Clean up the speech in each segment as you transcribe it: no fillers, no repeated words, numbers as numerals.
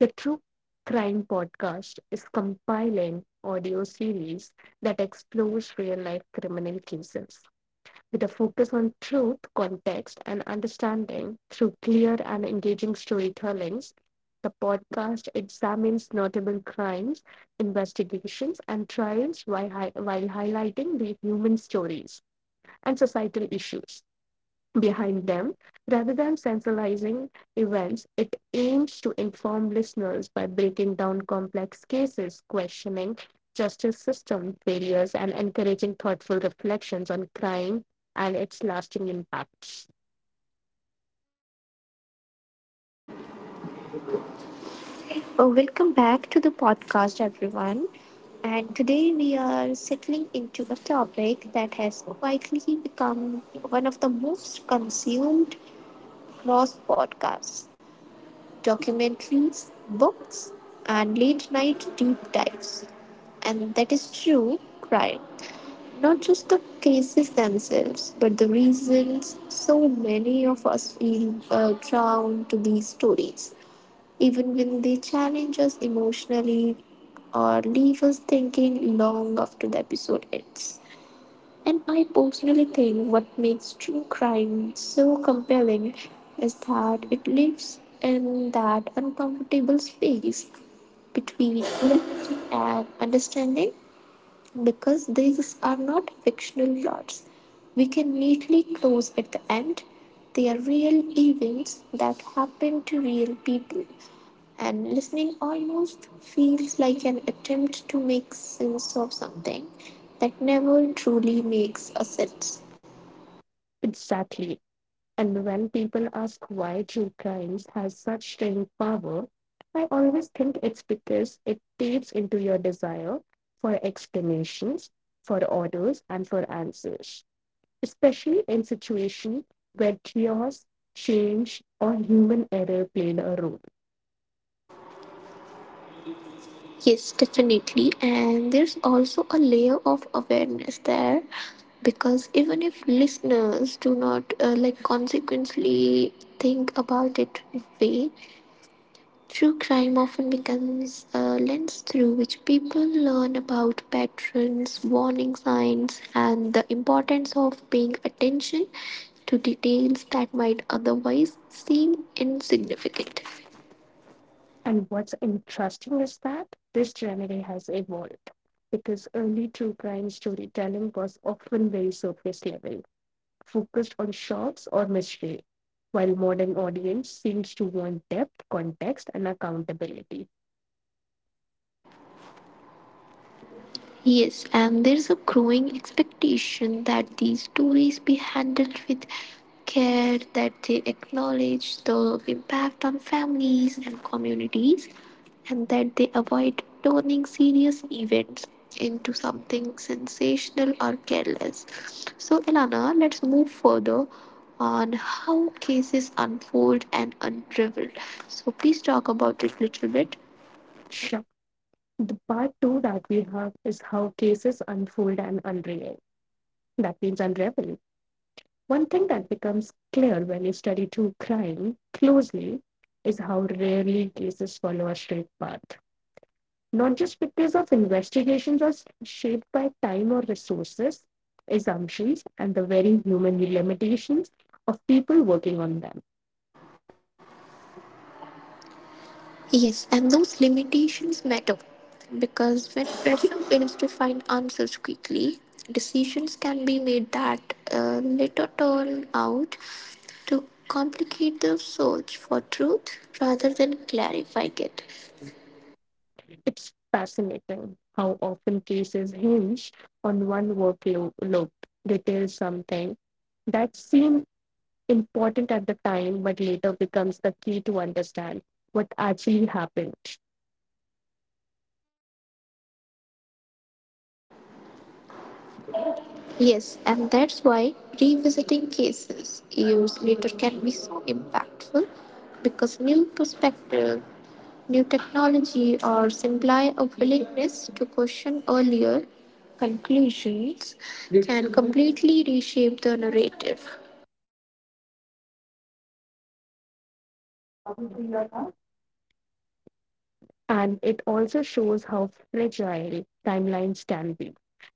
The True Crime Podcast is compiling audio series that explores real life criminal cases with a focus on truth, context, and understanding through clear and engaging storytellings. The podcast examines notable crimes, investigations, and trials while, while highlighting the human stories and societal issues behind them. Rather than sensationalizing events, it aims to inform listeners by breaking down complex cases, questioning justice system failures, and encouraging thoughtful reflections on crime and its lasting impacts. Oh, welcome back to the podcast, everyone. And today we are settling into a topic that has quietly become one of the most consumed across podcasts, documentaries, books, and late night deep dives. And that is true crime. Not just the cases themselves, but the reasons so many of us feel drawn to these stories even when they challenge us emotionally or leave us thinking long after the episode ends. And I personally think what makes true crime so compelling is that it lives in that uncomfortable space between reality and understanding because these are not fictional plots. We can neatly close at the end. They are real events that happen to real people, and listening almost feels like an attempt to make sense of something that never truly makes a sense. Exactly. And when people ask why true crimes has such staying power, I always think it's because it taps into your desire for explanations, for orders, and for answers, especially in situations where chaos, change, or human error played a role. Yes, definitely. And there's also a layer of awareness there because even if listeners do not like consequently think about it way. True crime often becomes a lens through which people learn about patterns, warning signs, and the importance of paying attention to details that might otherwise seem insignificant. And what's interesting is that this genre has evolved because early true crime storytelling was often very surface level, focused on shocks or mystery, while modern audience seems to want depth, context, and accountability. Yes, and there's a growing expectation that these stories be handled with care, that they acknowledge the impact on families and communities, and that they avoid turning serious events into something sensational or careless. So, Elana, let's move further on how cases unfold and unravel. So, please talk about it a little bit. Sure. The part two that we have is how cases unfold and unravel. That means unravel. One thing that becomes clear when you study true crime closely is how rarely cases follow a straight path, not just because of investigations are shaped by time or resources, assumptions, and the very human limitations of people working on them. Yes, and those limitations matter because when pressure begins to find answers quickly, decisions can be made that later turn out to complicate the search for truth rather than clarifying it. It's fascinating how often cases hinge on one workload. They tell something that seemed important at the time, but later becomes the key to understand what actually happened. Yes, and that's why revisiting cases years later can be so impactful because new perspective, new technology, or simply a willingness to question earlier conclusions can completely reshape the narrative. And it also shows how fragile timelines can be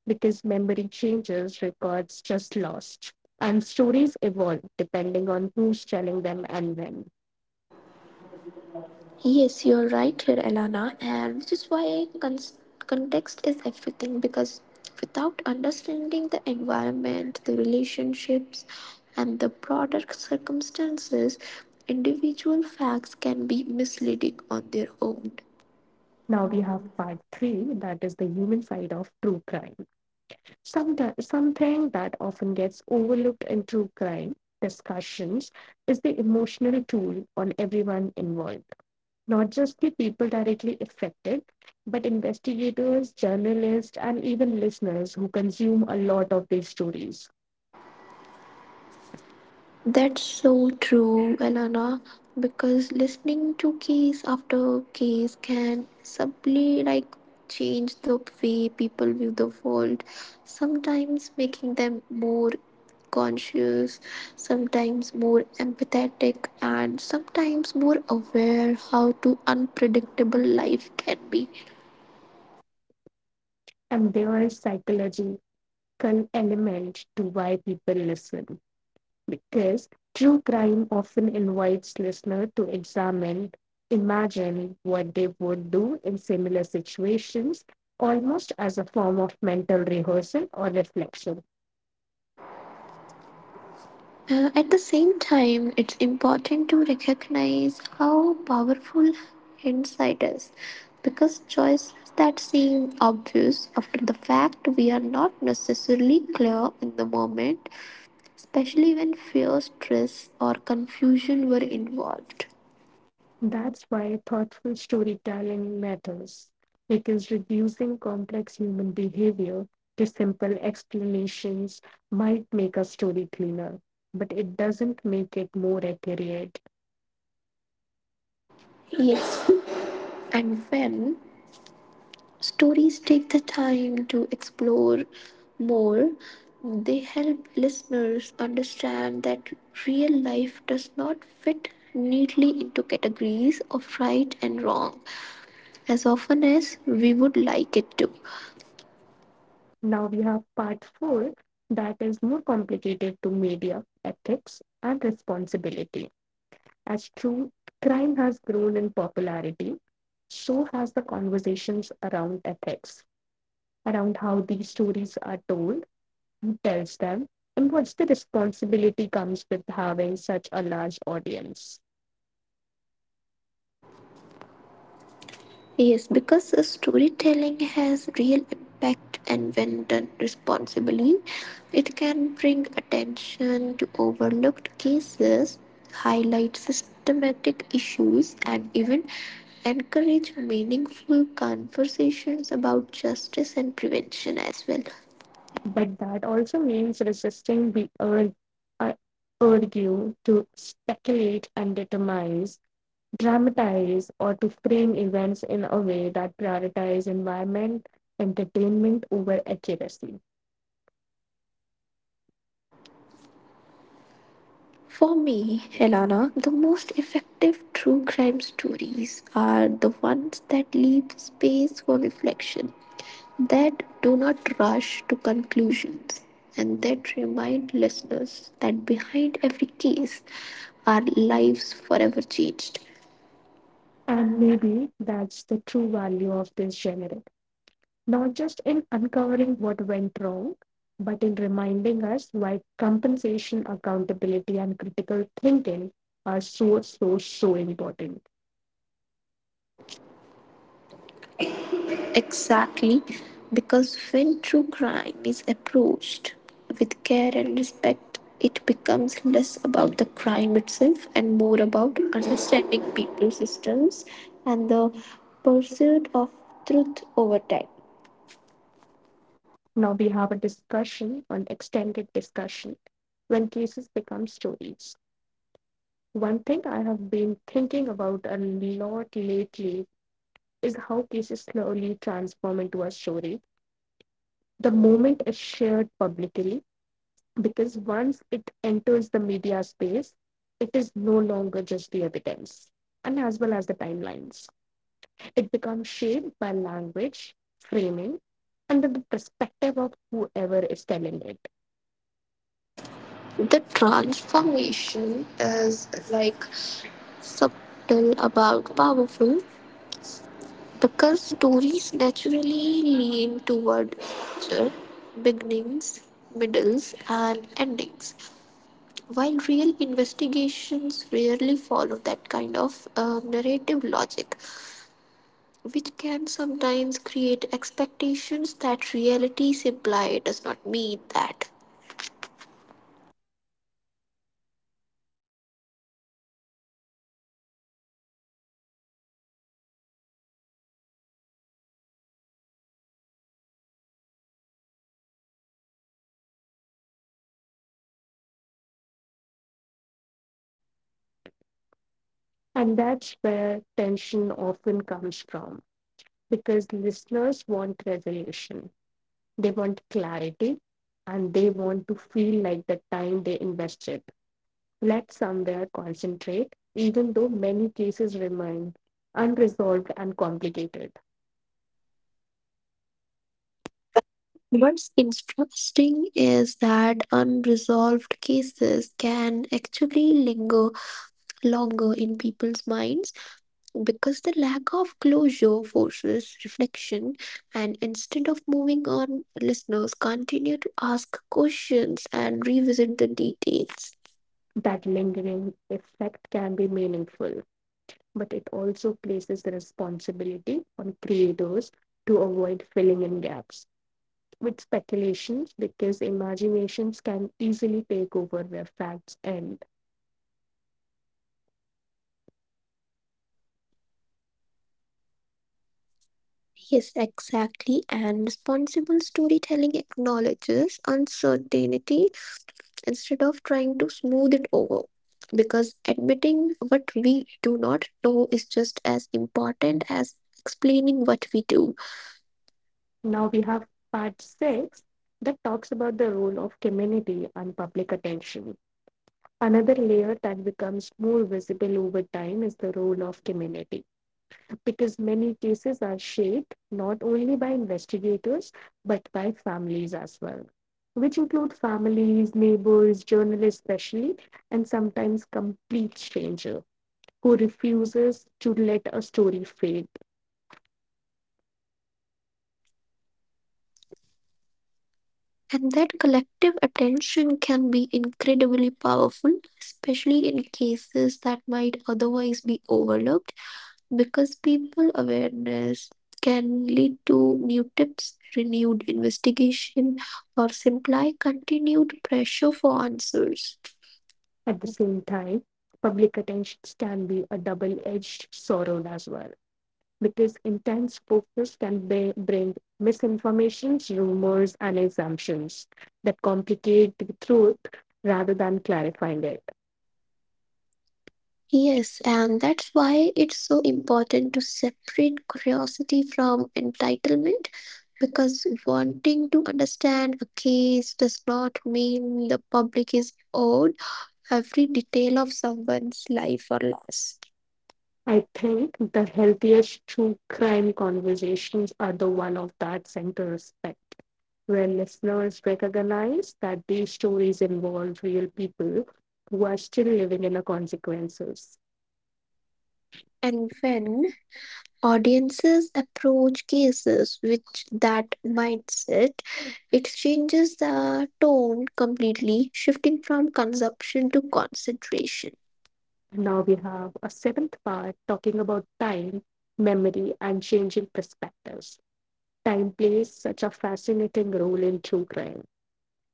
because memory changes, records just lost, and stories evolve depending on who's telling them and when. Yes, you're right here, Elana, and which is why context is everything because without understanding the environment, the relationships, and the broader circumstances, individual facts can be misleading on their own. Now we have part three, that is the human side of true crime. Something that often gets overlooked in true crime discussions is the emotional toll on everyone involved, not just the people directly affected, but investigators, journalists, and even listeners who consume a lot of these stories. That's so true, Elena, because listening to case after case can subtly like change the way people view the world, sometimes making them more conscious, sometimes more empathetic, and sometimes more aware how to unpredictable life can be. And there is psychology second element to why people listen because true crime often invites listener to examine imagine what they would do in similar situations almost as a form of mental rehearsal or reflection. At the same time, it's important to recognize how powerful hindsight is because choices that seem obvious after the fact we are not necessarily clear in the moment, especially when fear, stress, or confusion were involved. That's why thoughtful storytelling matters, because reducing complex human behavior to simple explanations might make a story cleaner, but it doesn't make it more accurate. Yes, and when stories take the time to explore more. They help listeners understand that real life does not fit neatly into categories of right and wrong as often as we would like it to. Now we have part four that is more complicated to media, ethics, and responsibility. As true crime has grown in popularity, so has the conversations around ethics, around how these stories are told he tells them, and what's the responsibility comes with having such a large audience? Yes, because the storytelling has real impact, and when done responsibly, it can bring attention to overlooked cases, highlight systematic issues, and even encourage meaningful conversations about justice and prevention as well. But that also means resisting the uh, urge to speculate and determine, dramatize, or to frame events in a way that prioritizes environment, entertainment over accuracy. For me, Helena, the most effective true crime stories are the ones that leave space for reflection, that do not rush to conclusions, and that remind listeners that behind every case are lives forever changed. And maybe that's the true value of this genre, not just in uncovering what went wrong, but in reminding us why compensation, accountability, and critical thinking are so important. Exactly, because when true crime is approached with care and respect, it becomes less about the crime itself and more about understanding people, systems and the pursuit of truth over time. Now we have a discussion, an extended discussion, when cases become stories. One thing I have been thinking about a lot lately is how cases slowly transform into a story. The moment is shared publicly, because once it enters the media space, it is no longer just the evidence, and as well as the timelines. It becomes shaped by language, framing, and the perspective of whoever is telling it. The transformation is like subtle about powerful because stories naturally lean toward structure, beginnings, middles, and endings. While real investigations rarely follow that kind of narrative logic, which can sometimes create expectations that reality simply does not meet that. And that's where tension often comes from because listeners want resolution, they want clarity, and they want to feel like the time they invested let somewhere concentrate, even though many cases remain unresolved and complicated. What's interesting is that unresolved cases can actually linger longer in people's minds because the lack of closure forces reflection and instead of moving on listeners continue to ask questions and revisit the details. That lingering effect can be meaningful, but it also places the responsibility on creators to avoid filling in gaps with speculations because imaginations can easily take over where facts end. Yes, exactly, and responsible storytelling acknowledges uncertainty instead of trying to smooth it over because admitting what we do not know is just as important as explaining what we do. Now we have part six that talks about the role of community and public attention. Another layer that becomes more visible over time is the role of community because many cases are shaped not only by investigators but by families as well, which include families, neighbors, journalists, especially, and sometimes complete strangers who refuses to let a story fade. And that collective attention can be incredibly powerful, especially in cases that might otherwise be overlooked, because people awareness can lead to new tips, renewed investigation, or simply continued pressure for answers. At the same time, public attentions can be a double edged sword as well, because intense focus can be, bring misinformations, rumors, and assumptions that complicate the truth rather than clarifying it. Yes, and that's why it's so important to separate curiosity from entitlement because wanting to understand a case does not mean the public is owed every detail of someone's life or loss. I think the healthiest true crime conversations are the one of that center respect, where listeners recognize that these stories involve real people who are still living in the consequences. And when audiences approach cases with that mindset, it changes the tone completely, shifting from consumption to concentration. And now we have a seventh part talking about time, memory, and changing perspectives. Time plays such a fascinating role in true crime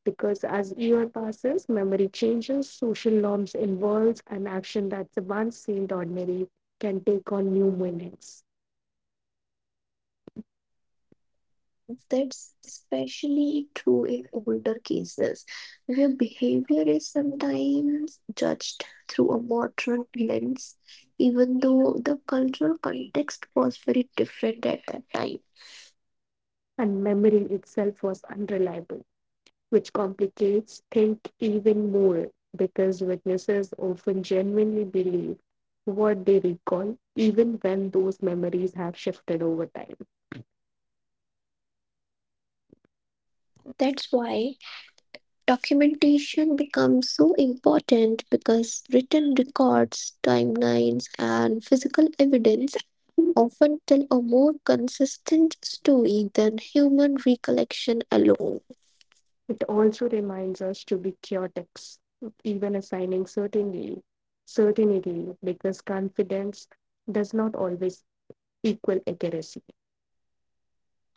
because as year passes, memory changes, social norms evolve, and action that once seemed ordinary can take on new meanings. That's especially true in older cases, where behavior is sometimes judged through a modern lens, even though the cultural context was very different at that time. And memory itself was unreliable, which complicates things even more because witnesses often genuinely believe what they recall, even when those memories have shifted over time. That's why documentation becomes so important because written records, timelines, and physical evidence often tell a more consistent story than human recollection alone. It also reminds us to be critics, even assigning certainly certainty, because confidence does not always equal accuracy.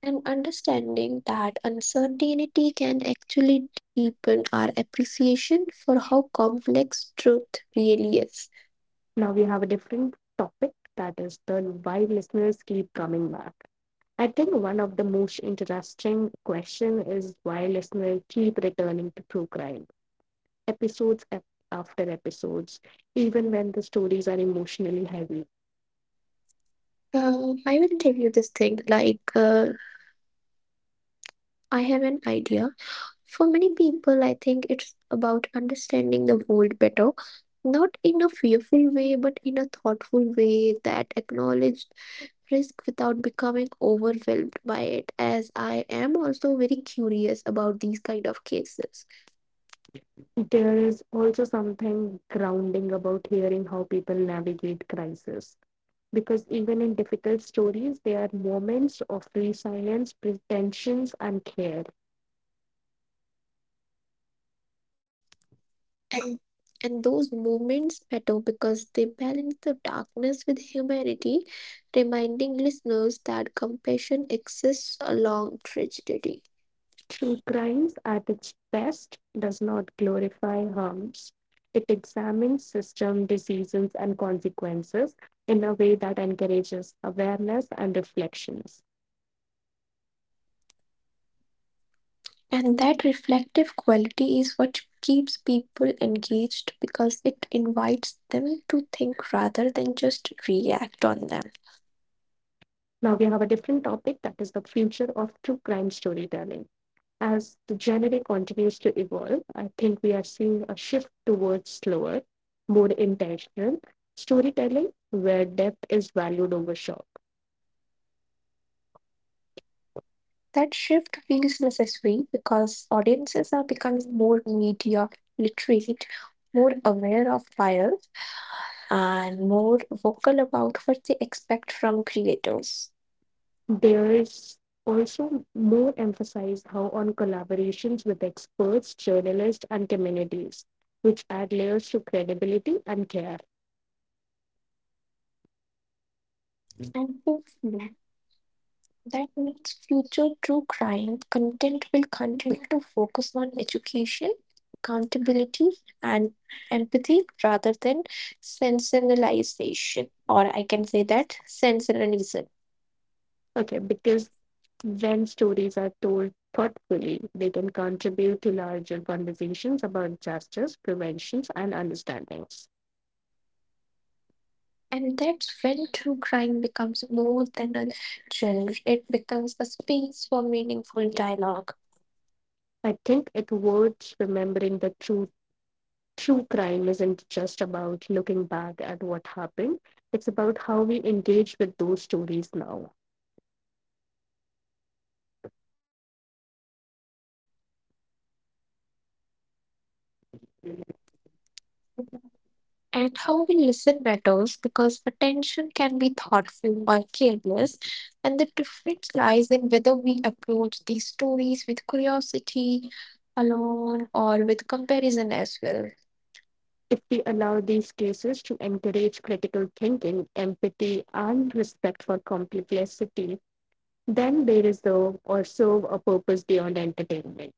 And understanding that uncertainty can actually deepen our appreciation for how complex truth really is. Now we have a different topic that is the why listeners keep coming back. I think one of the most interesting question is why listeners keep returning to true crime episodes after episodes, even when the stories are emotionally heavy. I will tell you this thing like, I have an idea. For many people, I think it's about understanding the world better, not in a fearful way, but in a thoughtful way that acknowledges risk without becoming overwhelmed by it, as I am also very curious about these kind of cases. There is also something grounding about hearing how people navigate crisis, because even in difficult stories, there are moments of resilience, pretensions, and care. And, and those moments matter because they balance the darkness with humanity, reminding listeners that compassion exists along tragedy. True crimes, at its best, does not glorify harms. It examines system decisions and consequences in a way that encourages awareness and reflections. And that reflective quality is what keeps people engaged because it invites them to think rather than just react on them. Now we have a different topic that is the future of true crime storytelling. As the genre continues to evolve, I think we are seeing a shift towards slower, more intentional storytelling where depth is valued over shock. That shift feels necessary because audiences are becoming more media literate, more aware of bias and more vocal about what they expect from creators. There is also more emphasis how on collaborations with experts, journalists, and communities, which add layers to credibility and care. And hopefully, that means future true crime content will continue to focus on education, accountability, and empathy rather than sensationalization, or I can say that sensationalism. Okay, because when stories are told thoughtfully, they can contribute to larger conversations about justice, preventions, and understandings. And that's when true crime becomes more than a genre, it becomes a space for meaningful dialogue. I think it worth remembering that true crime isn't just about looking back at what happened. It's about how we engage with those stories now. And how we listen matters because attention can be thoughtful or careless, and the difference lies in whether we approach these stories with curiosity, alone, or with comparison as well. If we allow these cases to encourage critical thinking, empathy, and respect for complexity, then there is though also a purpose beyond entertainment.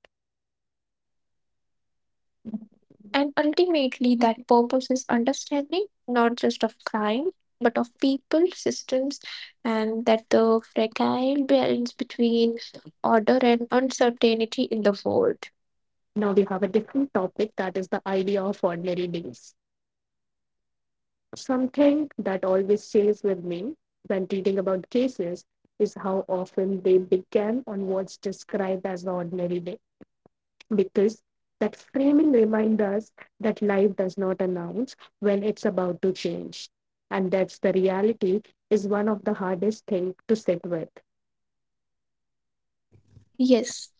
And ultimately, that purpose is understanding not just of crime but of people, systems, and that the fragile balance between order and uncertainty in the world. Now we have a different topic that is the idea of ordinary days. Something that always stays with me when reading about cases is how often they began on what's described as the ordinary day, because that framing reminds us that life does not announce when it's about to change. And that's the reality is one of the hardest things to sit with. Yes.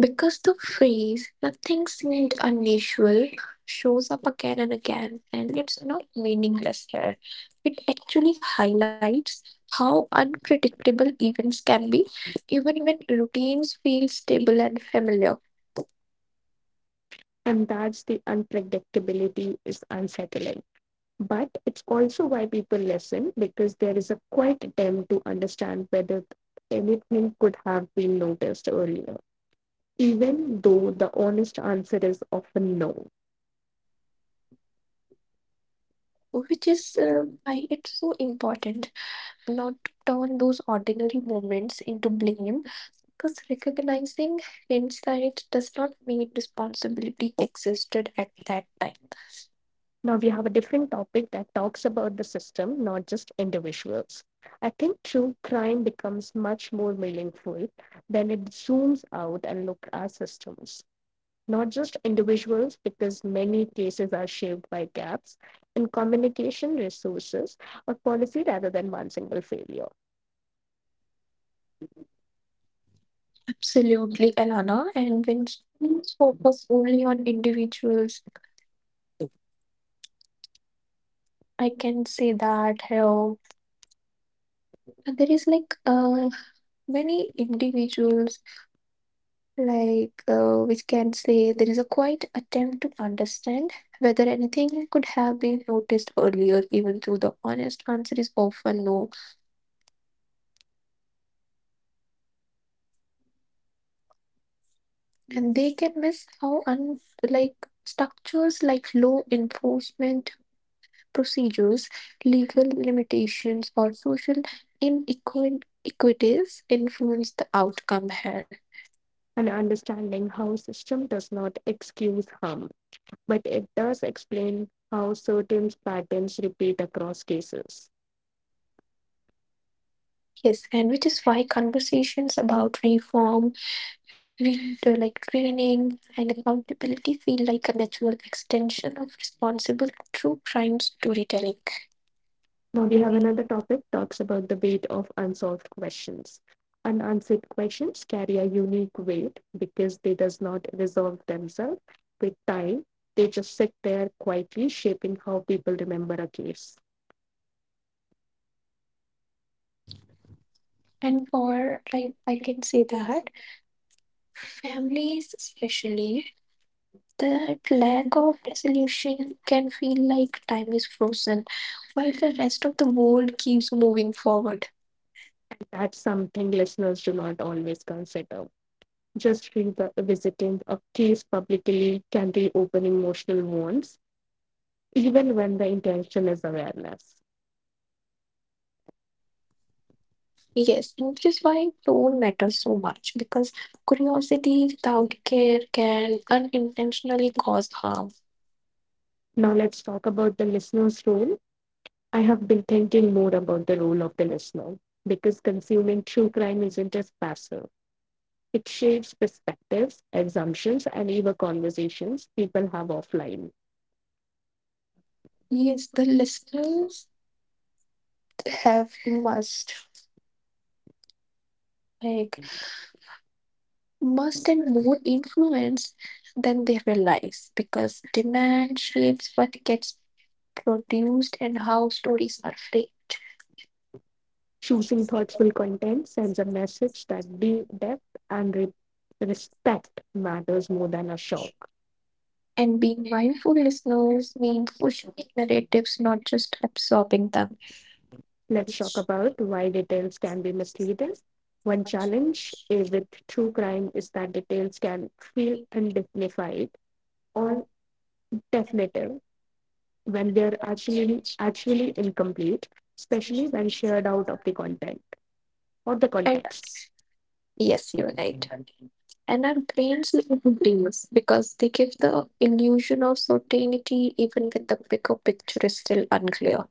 Because the phrase nothing seemed unusual shows up again and again, and it's not meaningless here. It actually highlights how unpredictable events can be, even when routines feel stable and familiar, And that's the unpredictability is unsettling. But it's also why people listen because there is a quiet attempt to understand whether anything could have been noticed earlier, even though the honest answer is often no. which is why it's so important not to turn those ordinary moments into blame, because recognizing hindsight does not mean responsibility existed at that time. Now we have a different topic that talks about the system, not just individuals. I think true crime becomes much more meaningful when it zooms out and looks at systems not just individuals, because many cases are shaped by gaps in communication resources or policy rather than one single failure. Absolutely, Elana. And when schools focus only on individuals, I can say that how there is like many individuals, like which can say there is a quite attempt to understand whether anything could have been noticed earlier, even though the honest answer is often no. And they can miss how like structures like law enforcement procedures, legal limitations, or social inequities influence the outcome here. And understanding how system does not excuse harm but it does explain how certain patterns repeat across cases. Yes, and which is why conversations about reform, like training, and accountability feel like a natural extension of responsible true crime storytelling. Now we have another topic talks about the weight of unsolved questions. Unanswered questions carry a unique weight because they does not resolve themselves with time. They just sit there quietly shaping how people remember a case. And for like I can say that families especially that lack of resolution can feel like time is frozen while the rest of the world keeps moving forward. That's something listeners do not always consider. Just revisiting a case publicly can reopen emotional wounds, even when the intention is awareness. Yes, which is why tone matters so much because curiosity without care can unintentionally cause harm. Now, let's talk about the listener's role. I have been thinking more about the role of the listener because consuming true crime isn't just passive. It shapes perspectives, assumptions, and even conversations people have offline. Yes, the listeners have must like must and more influence than they realize because demand shapes what gets produced and how stories are framed. Choosing thoughtful content sends a message that depth and respect matters more than a shock. And being mindful listeners means pushing narratives, not just absorbing them. Let's talk about why details can be misleading. One challenge with true crime is that details can feel undignified or definitive, when they are actually incomplete, especially when shared out of the content or the And context. yes, you're right. And our brains love details because they give the illusion of certainty even when the bigger picture is still unclear.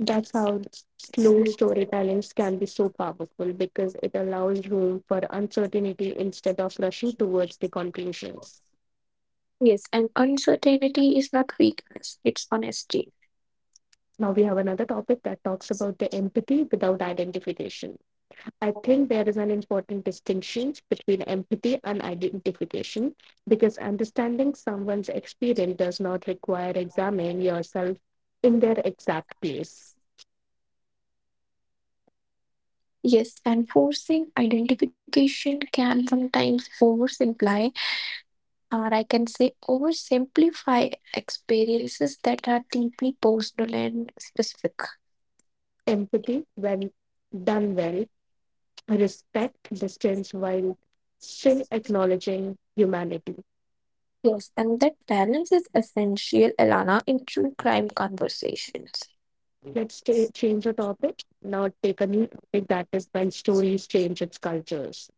That's how slow storytelling can be so powerful because it allows room for uncertainty instead of rushing towards the conclusions. Yes, and uncertainty is not weakness, it's honesty. Now we have another topic that talks about the empathy without identification. I think there is an important distinction between empathy and identification because understanding someone's experience does not require examining yourself in their exact place. Yes, and forcing identification can sometimes oversimplify, or I can say oversimplify experiences that are deeply personal and specific. Empathy, when done well, respect distance while still acknowledging humanity. Yes, and that balance is essential, Elana, in true crime conversations. Change the topic, now take a new topic that is when stories change its cultures.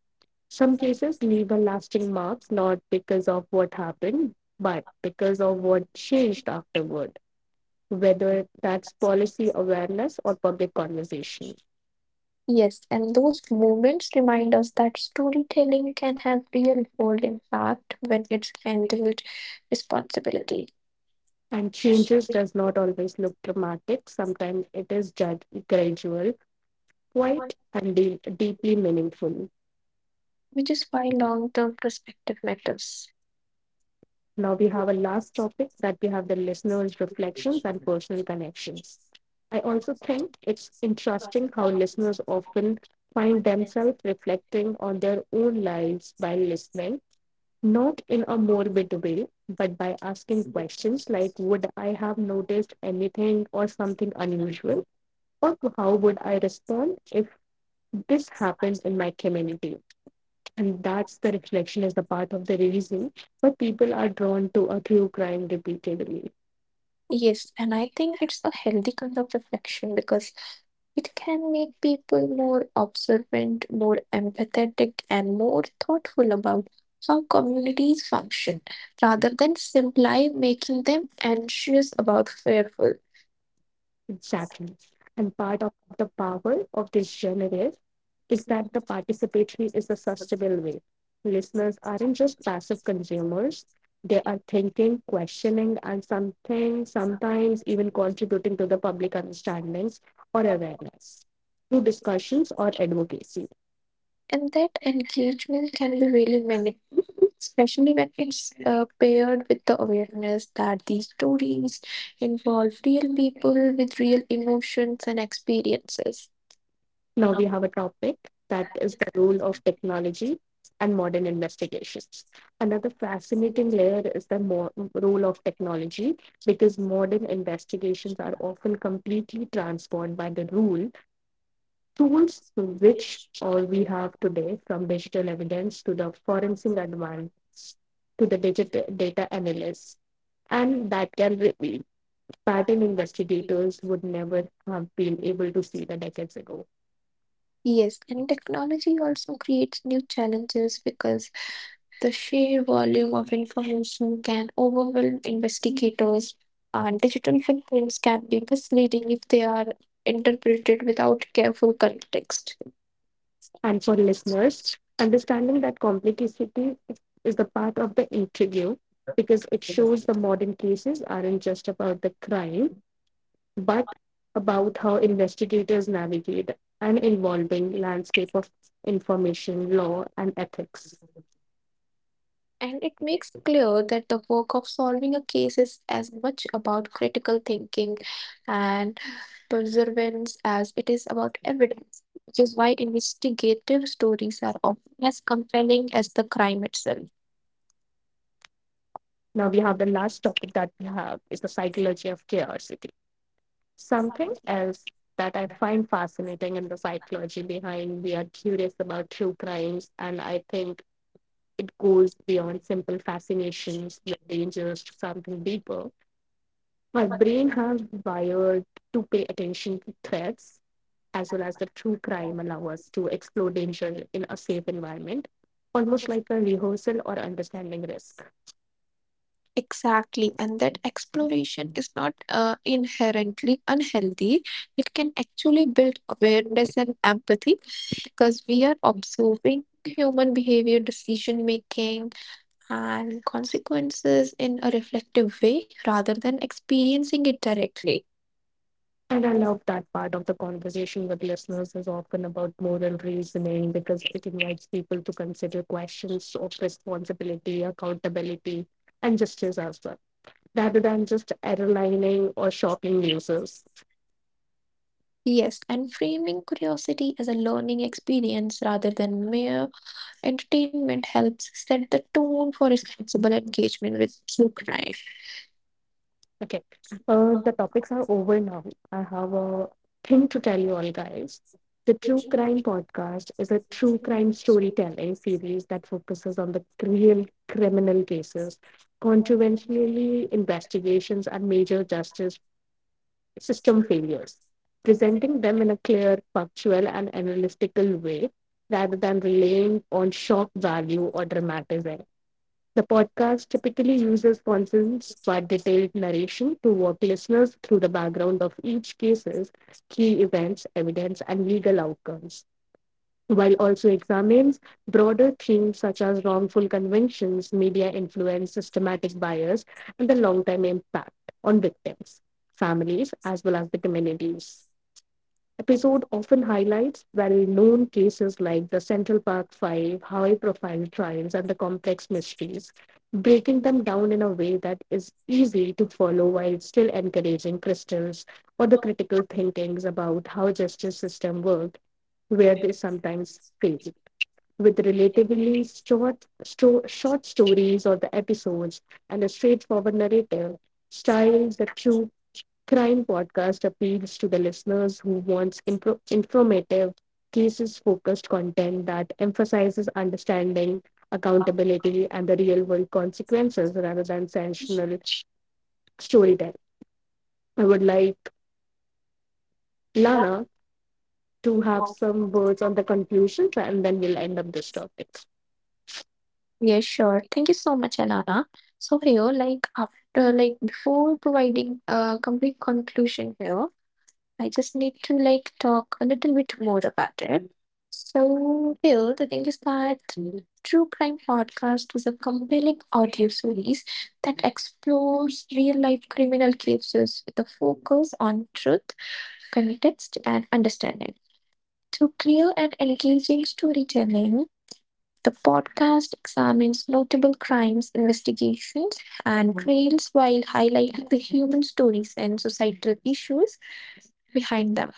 Some cases leave a lasting marks not because of what happened, but because of what changed afterward, whether that's policy awareness or public conversation. Yes, and those moments remind us that storytelling can have real world impact when it's handled with responsibility, And changes does not always look dramatic. Sometimes it is judged gradual, quiet, and deeply meaningful. which is why long term perspective matters. Now we have a last topic that we have the listeners' reflections and personal connections. I also think it's interesting how listeners often find themselves reflecting on their own lives while listening, not in a morbid way, but by asking questions like, would I have noticed anything or something unusual? Or how would I respond if this happens in my community? And that's the reflection, is the part of the reason why people are drawn to a true crime repeatedly. Yes, and I think it's a healthy kind of reflection because it can make people more observant, more empathetic, and more thoughtful about how communities function rather than simply making them anxious about fearful. Exactly. And part of the power of this genre is that the participatory is a sustainable way. Listeners aren't just passive consumers, they are thinking, questioning, and something, sometimes even contributing to the public understandings or awareness through discussions or advocacy. And that engagement can be really meaningful, especially when it's paired with the awareness that these stories involve real people with real emotions and experiences. Now we have a topic that is the role of technology and modern investigations. Another fascinating layer is the role of technology, because modern investigations are often completely transformed by the rule tools which all we have today, from digital evidence to the forensic advance to the digital data analysts, and that can reveal pattern investigators would never have been able to see the decades ago. Yes, and technology also creates new challenges because the sheer volume of information can overwhelm investigators, and digital footprints can be misleading if they are interpreted without careful context. And for listeners, understanding that complexity is the part of the interview, because it shows the modern cases aren't just about the crime, but about how investigators navigate an evolving landscape of information, law, and ethics. And it makes clear that the work of solving a case is as much about critical thinking and perseverance as it is about evidence, which is why investigative stories are often as compelling as the crime itself. Now we have the last topic that we have is the psychology of curiosity. Something else that I find fascinating in the psychology behind we are curious about true crimes, and I think it goes beyond simple fascinations with dangers to something deeper. My brain has wired to pay attention to threats, as well as the true crime allow us to explore danger in a safe environment, almost like a rehearsal or understanding risk. Exactly, and that exploration is not inherently unhealthy. It can actually build awareness and empathy because we are observing human behavior, decision making, and consequences in a reflective way rather than experiencing it directly. And I love that part of the conversation with listeners is often about moral reasoning, because it invites people to consider questions of responsibility, accountability, and justice as well, rather than just error lining or shocking users. Yes, and framing curiosity as a learning experience rather than mere entertainment helps set the tone for responsible engagement with true crime. Okay, the topics are over now. I have a thing to tell you all, guys. The True Crime Podcast is a true crime storytelling series that focuses on the real criminal cases. Controversially, investigations are major justice system failures, presenting them in a clear, factual, and analytical way rather than relying on shock value or dramatism. The podcast typically uses condensed but detailed narration to walk listeners through the background of each case's key events, evidence, and legal outcomes, while also examines broader themes such as wrongful convictions, media influence, systematic bias, and the long-term impact on victims, families, as well as the communities. Episode often highlights well-known cases like the Central Park Five, high-profile trials, and the complex mysteries, breaking them down in a way that is easy to follow while still encouraging crystals or the critical thinkings about how justice system work, where they sometimes fail. With relatively short, short stories or the episodes and a straightforward narrative style, the true crime podcast appeals to the listeners who wants informative cases focused content that emphasizes understanding, accountability, and the real world consequences rather than sensational storytelling. I would like Lana to have some words on the conclusions, and then we'll end up this topic. Yes, sure. Thank you so much, Alana. So here, like after, like before providing a complete conclusion here, I just need to like talk a little bit more about it. So, Bill, the thing is that True Crime Podcast is a compelling audio series that explores real life criminal cases with a focus on truth, context, and understanding. Through clear and engaging storytelling, the podcast examines notable crimes, investigations, and trails while highlighting the human stories and societal issues behind them.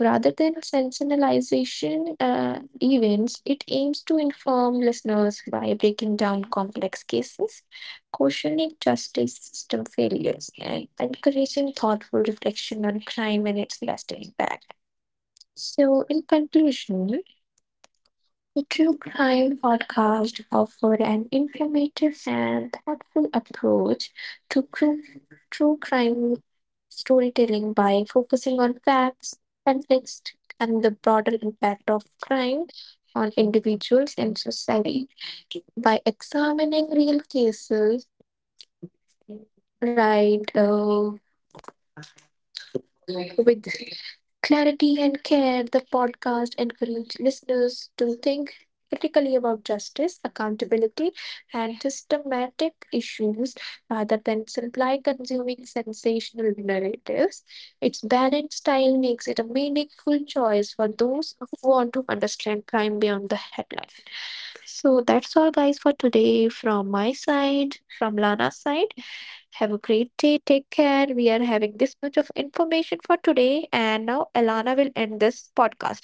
Rather than sensationalization events, it aims to inform listeners by breaking down complex cases, questioning justice system failures, and encouraging thoughtful reflection on crime and its lasting impact. So, in conclusion, the true crime podcast offered an informative and thoughtful approach to true crime storytelling by focusing on facts, context, and the broader impact of crime on individuals and society. By examining real cases, right, with clarity and care, the podcast encourages listeners to think critically about justice, accountability, and systematic issues rather than simply consuming sensational narratives. Its balanced style makes it a meaningful choice for those who want to understand crime beyond the headline. So that's all, guys, for today from my side, from Lana's side. Have a great day. Take care. We are having this much of information for today. And now Alana will end this podcast.